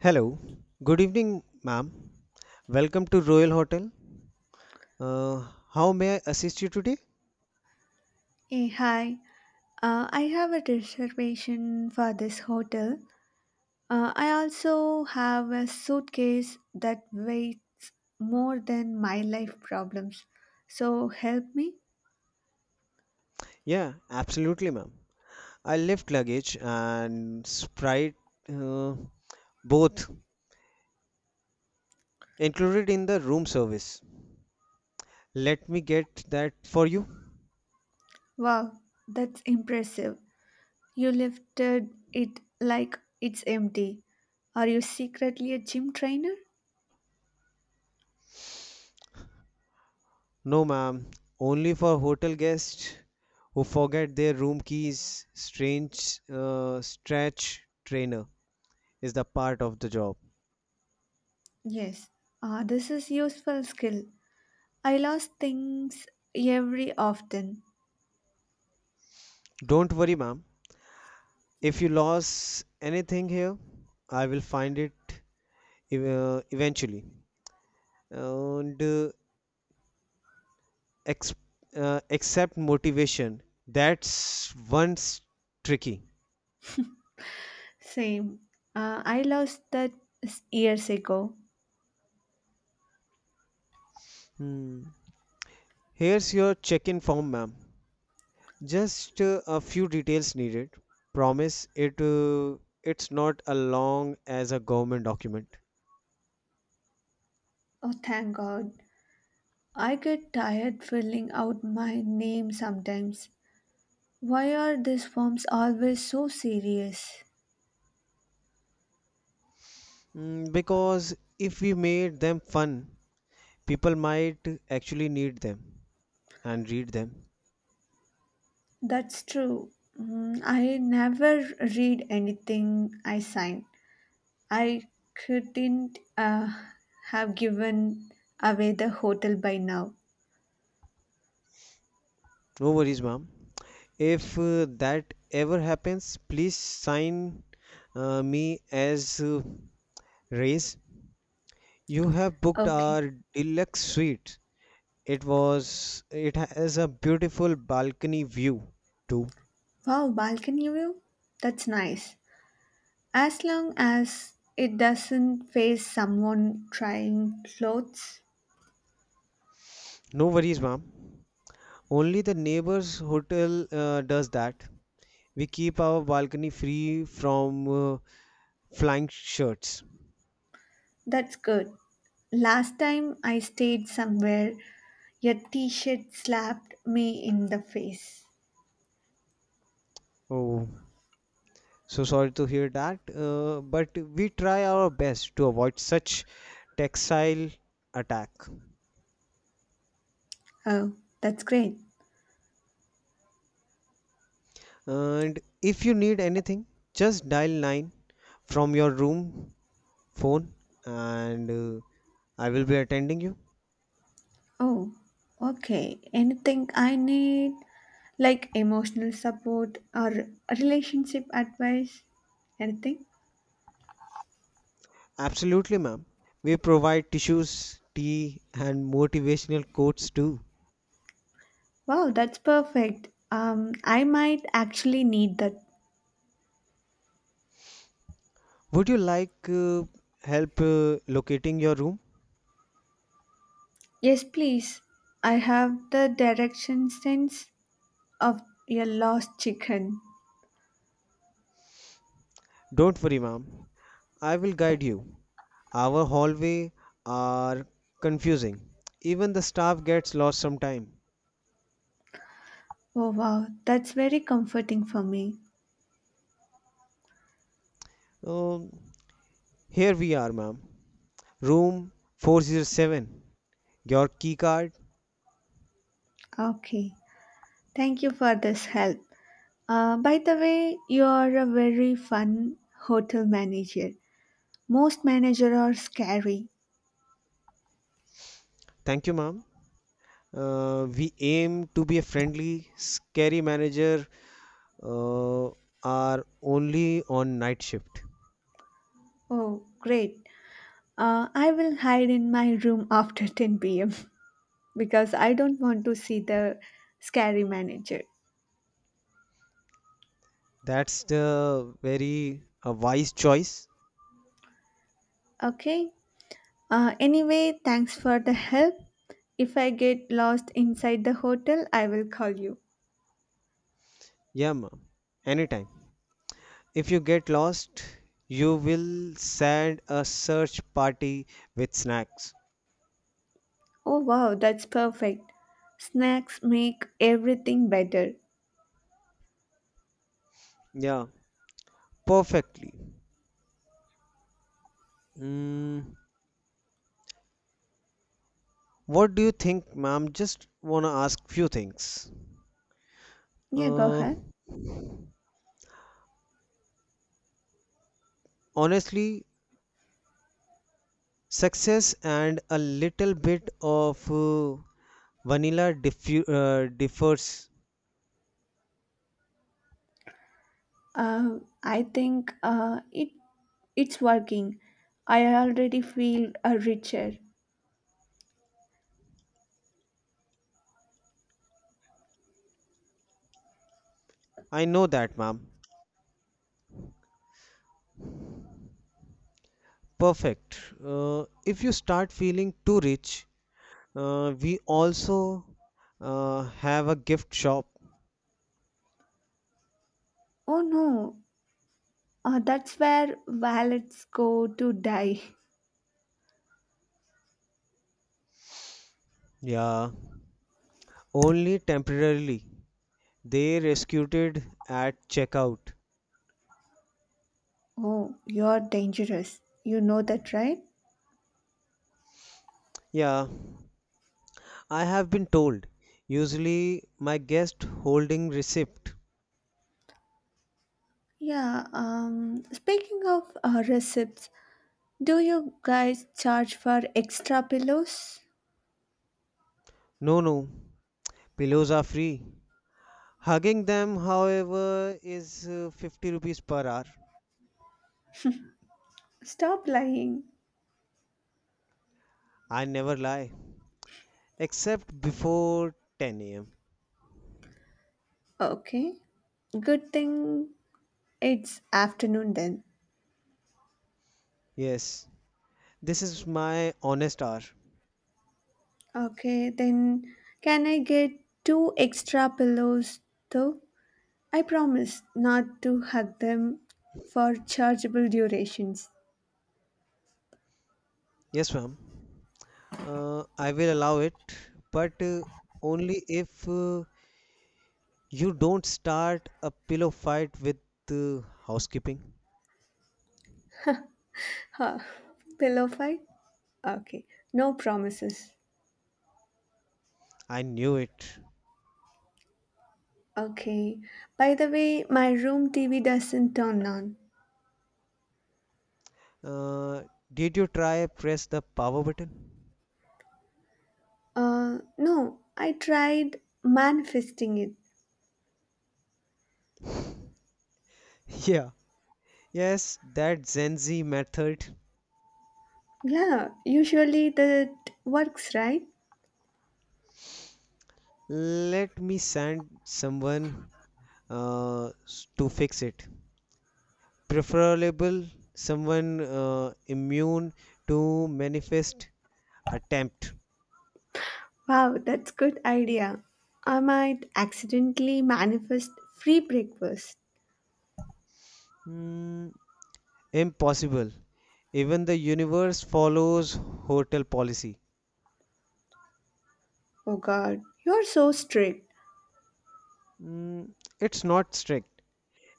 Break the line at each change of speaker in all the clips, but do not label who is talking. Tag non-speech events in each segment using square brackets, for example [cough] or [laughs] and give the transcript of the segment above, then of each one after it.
Hello. Good evening, ma'am. Welcome to Royal Hotel. Uh, how may I assist you today?
Hey, hi. I have a reservation for this hotel. I also have a suitcase that weighs more than my life problems. So help me?
Yeah, absolutely, ma'am. I left luggage and Sprite uh, both included in the room service. Let me get that for you.
Wow, that's impressive. You lifted it like it's empty. Are you secretly a gym trainer?
No, ma'am. Only for hotel guests who forget their room keys. Strange stretch trainer is the part of the job.
Yes. Ah, this is useful skill. I lost things every often.
Don't worry, ma'am. If you lost anything here, I will find it eventually. And ex- except motivation, that's one's tricky.
Same. I lost that years ago.
Hmm. Here's your check-in form, ma'am. Just a few details needed. Promise it. It's not as long as a government document.
Oh, thank God. I get tired filling out my name sometimes. Why are these forms always so serious?
Mm, because if we made them fun, people might actually need them and read them.
That's true. Mm, I never read anything I sign. I couldn't have given away the hotel by now.
No worries, ma'am. If that ever happens, please sign me as race. You have booked
Okay.
our deluxe suite. It has a beautiful balcony view too.
Wow, balcony view? That's nice. As long as it doesn't face someone trying clothes,
No worries, ma'am. Only the neighbor's hotel does that. We keep our balcony free from flying shirts.
that's good. Last time I stayed somewhere, your t shirt slapped me in the face.
Oh. So sorry to hear that, but we try our best to avoid such textile attack.
Oh, that's great.
And if you need anything, just dial 9 from your room phone and I will be attending you.
Oh, okay. Anything I need, like emotional support or relationship advice? Anything?
Absolutely, ma'am. We provide tissues, tea, and motivational quotes too.
Wow, that's perfect. I might actually need that.
Would you like help locating your room?
Yes, please. I have the direction sense of your lost chicken.
Don't worry, ma'am. I will guide you. Our hallway are confusing. Even the staff gets lost sometime.
Oh, wow. That's very comforting for me.
Um, Here we are, ma'am. Room 407. Your key card.
Okay. Thank you for this help. By the way, you are a very fun hotel manager. Most managers are scary.
Thank you, ma'am. We aim to be a friendly, scary manager. Uh, are only on night shift.
Oh, great. I will hide in my room [laughs] after 10 p.m. because I don't want to see the scary manager.
That's the very wise choice.
Okay. Anyway, thanks for the help. If I get lost inside the hotel, I will call you.
Yeah, ma'am. Anytime. If you get lost, you will send a search party with snacks.
Oh wow, that's perfect. Snacks make everything better.
Yeah, perfectly. Mm, what do you think, ma'am? Just wanna ask few things.
Yeah, go
Uh,
ahead.
Honestly, success and a little bit of vanilla differs.
I think it's working. I already feel richer.
I know that, ma'am. Perfect. If you start feeling too rich, we also have a gift shop.
Oh no, that's where wallets go to die. [laughs]
Yeah, only temporarily. They rescued it at checkout.
Oh, you're dangerous. You know that, right?
Yeah, I have been told. Usually, my guest holding receipt.
Yeah. Speaking of receipts, do you guys charge for extra pillows?
No, no, pillows are free. Hugging them, however, is 50 rupees per hour.
Stop lying.
I never lie, except before 10 a.m.
Okay. Good thing it's afternoon then.
Yes, this is my honest hour.
Okay, then can I get two extra pillows though? I promise not to hug them for chargeable durations.
Yes, ma'am. I will allow it, but only if you don't start a pillow fight with housekeeping.
Huh. Pillow fight? Okay. No promises.
I knew it.
Okay. By the way, my room TV doesn't turn on.
Uh, did you try press the power button?
No, I tried manifesting it.
[laughs] Yeah. Yes, that Gen Z method.
Yeah, usually that works, right?
Let me send someone to fix it. Preferable someone immune to manifest attempt.
Wow, that's good idea. I might accidentally manifest free breakfast.
Hmm, impossible. Even the universe follows hotel policy.
Oh god, you're so strict.
Mm, it's not strict,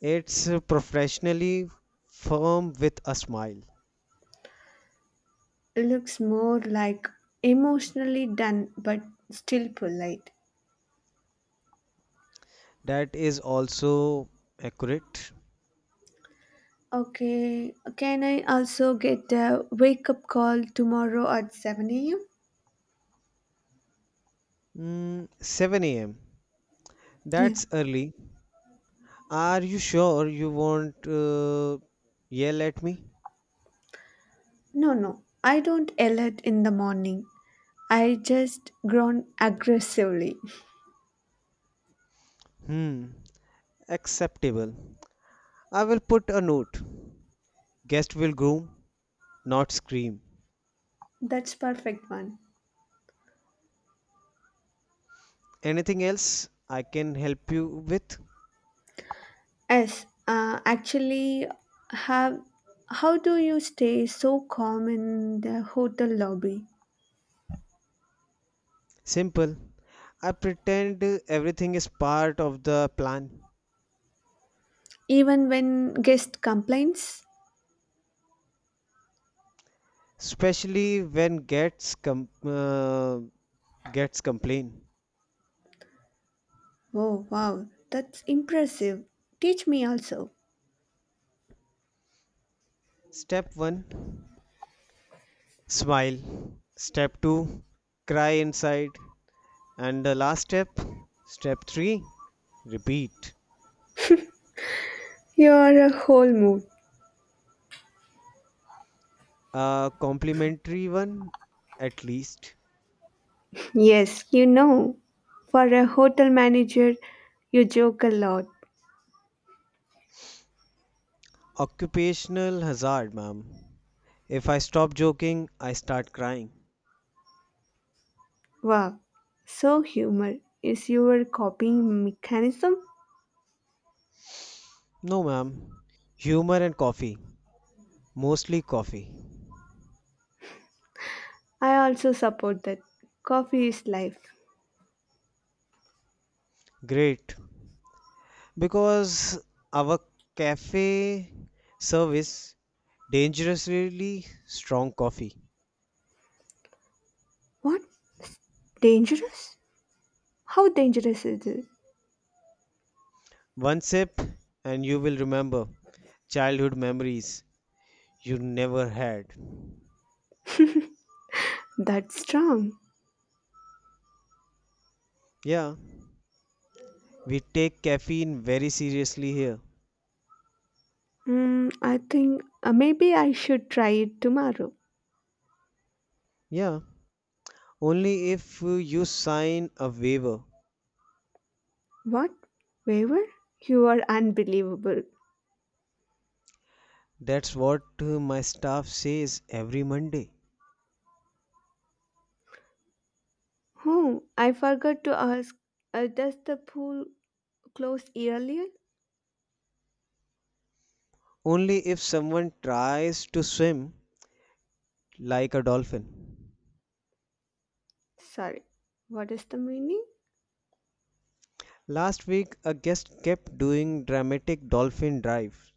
it's professionally firm with a smile.
It looks more like emotionally done but still polite.
That is also accurate.
Okay, can I also get a wake up call tomorrow at 7 a.m.?
Mm, 7 a.m.
Yeah.
That's early. Are you sure you won't yell at me?
No, no, I don't alert in the morning. I just groan aggressively.
Hmm, acceptable. I will put a note. Guest will groom, not scream.
[laughs] That's perfect one.
Anything else I can help you with?
Yes, actually, have how do you stay so calm in the hotel lobby,
Simple. I pretend everything is part of the plan,
even when guest complains?
especially when gets complain.
Oh wow, that's impressive. Teach me also.
Step 1 smile. Step 2 cry inside, and the last step, step 3, repeat
You're a whole mood.
a complimentary one at least.
Yes, you know, for a hotel manager, you joke a lot.
Occupational hazard, ma'am. If I stop joking, I start crying.
Wow, so humor is your coping mechanism.
No, ma'am. Humor and coffee. Mostly coffee.
I also support that. Coffee is life.
Great. Because our cafe service dangerously strong coffee.
What? Dangerous? How dangerous is it?
One sip and you will remember childhood memories you never had.
That's strong.
Yeah, we take caffeine very seriously here.
Mm, I think maybe I should try it tomorrow.
Yeah, only if you sign a waiver.
What? Waiver? You are unbelievable.
That's what my staff says every Monday.
Oh, I forgot to ask. Does the pool close earlier?
Only if someone tries to swim like a dolphin.
Sorry. What is the meaning?
Last week, a guest kept doing dramatic dolphin dives.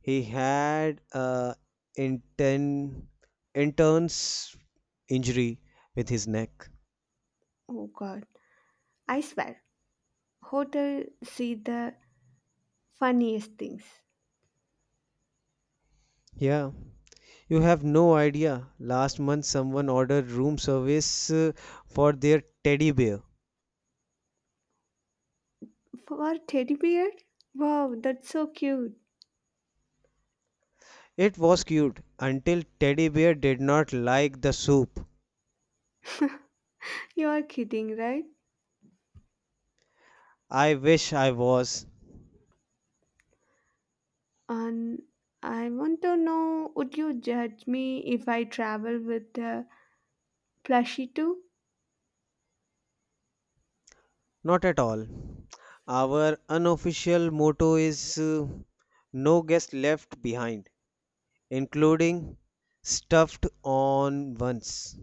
He had a intern intern's injury with his neck.
Oh God! I swear, hotel see the funniest things.
Yeah, you have no idea. Last month, someone ordered room service for their teddy bear.
For teddy bear? Wow, that's so cute.
It was cute until teddy bear did not like the soup.
[laughs] You are kidding, right?
I wish I was.
And I want to know would you judge me if I travel with a plushie too?
Not at all. Our unofficial motto is no guest left behind, including stuffed on once.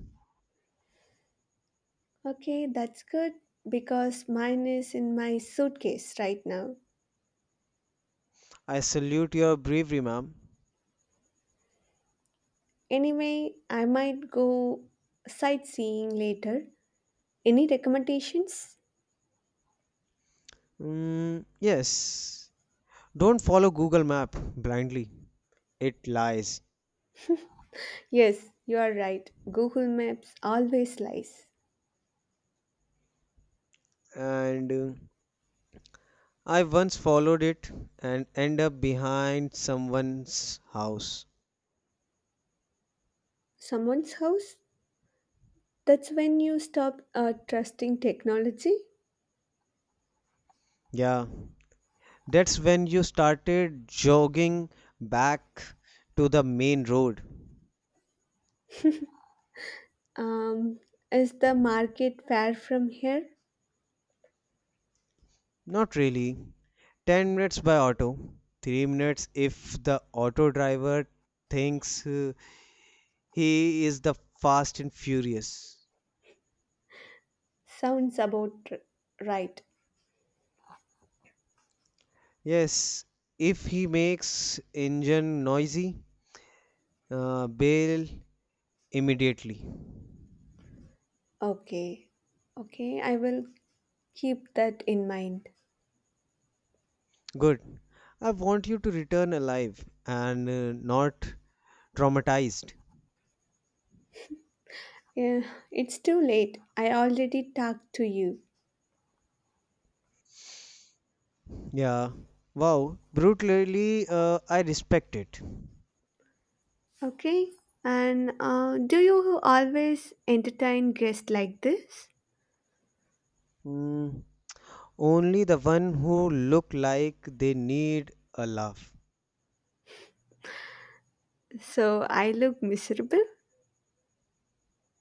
Okay, that's good because mine is in my suitcase right now.
I salute your bravery, ma'am.
Anyway, I might go sightseeing later. Any recommendations?
Mm, yes. Don't follow Google Map blindly. It lies.
Yes, you are right. Google Maps always lies.
And I once followed it and end up behind someone's house.
Someone's house? That's when you stop trusting technology.
Yeah, that's when you started jogging back to the main road.
Um, is the market far from here?
Not really. 10 minutes by auto, 3 minutes if the auto driver thinks he is the fast and furious.
Sounds about r- right.
Yes, if he makes engine noisy, bail immediately.
Okay. Okay, I will keep that in mind.
Good. I want you to return alive and not traumatized.
Yeah, it's too late. I already talked to you.
Yeah. Wow. Brutally, I respect it.
Okay? And do you always entertain guests like this?
Mm, only the one who look like they need a laugh.
So I look miserable?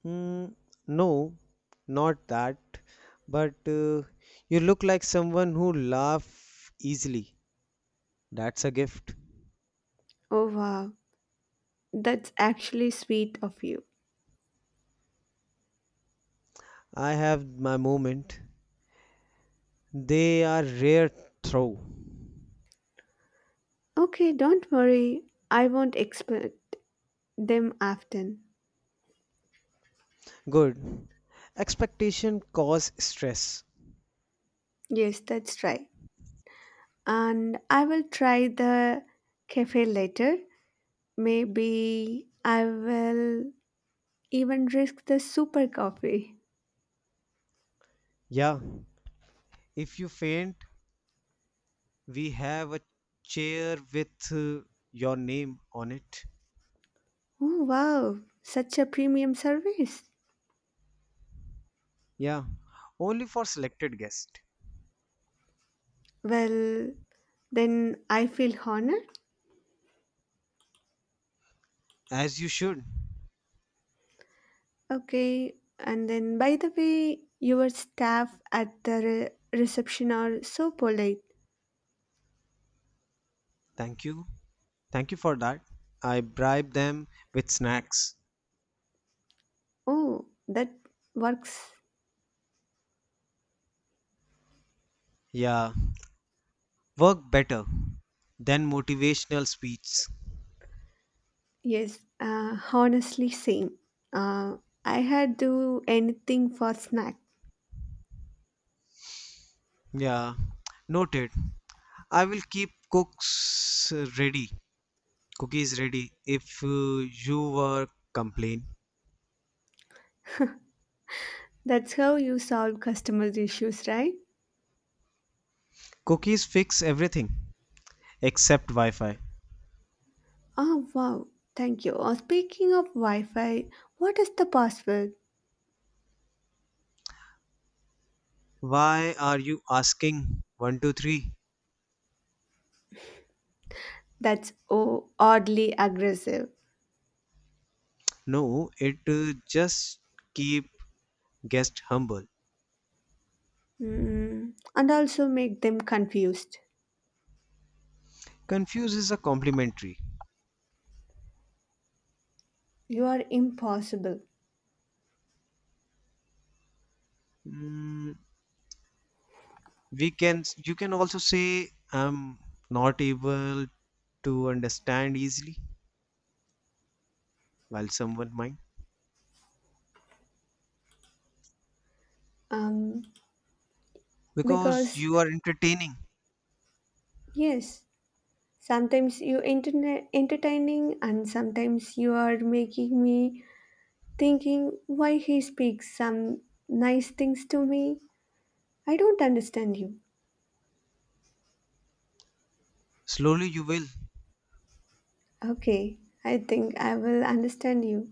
Mm, no, not that. But you look like someone who laugh easily. That's a gift.
Oh wow, that's actually sweet of you.
I have my moment. They are rare throw.
Okay, don't worry. I won't expect them often.
Good. Expectation cause stress.
Yes, that's right. And I will try the cafe later. Maybe I will even risk the super coffee.
Yeah. If you faint, we have a chair with your name on it.
Oh, wow, such a premium service.
Yeah, only for selected guests.
Well, then I feel honored.
As you should.
Okay, and then by the way, your staff at the reception are so polite.
Thank you. Thank you for that. I bribe them with snacks.
Oh, that works.
Yeah, work better than motivational speeches.
Yes, honestly, same. Uh, I had to do anything for snack.
Yeah, noted. I will keep cooks ready, cookies ready if you were complain.
That's how you solve customers' issues, right?
Cookies fix everything except Wi-Fi.
Oh, wow. Thank you. Speaking of Wi Fi, what is the password
Why are you asking? One, two, three.
that's oh, oddly aggressive?
No, it just keep guest humble.
Mm, and also make them confused.
Confused is a complimentary.
You are impossible.
Mm, we can you can also say I'm not able to understand easily while someone might
Um,
because
because,
you are entertaining.
yes, sometimes you entertaining and sometimes you are making me thinking why he speaks some nice things to me. I don't understand you.
Slowly you will.
Okay, I think I will understand you.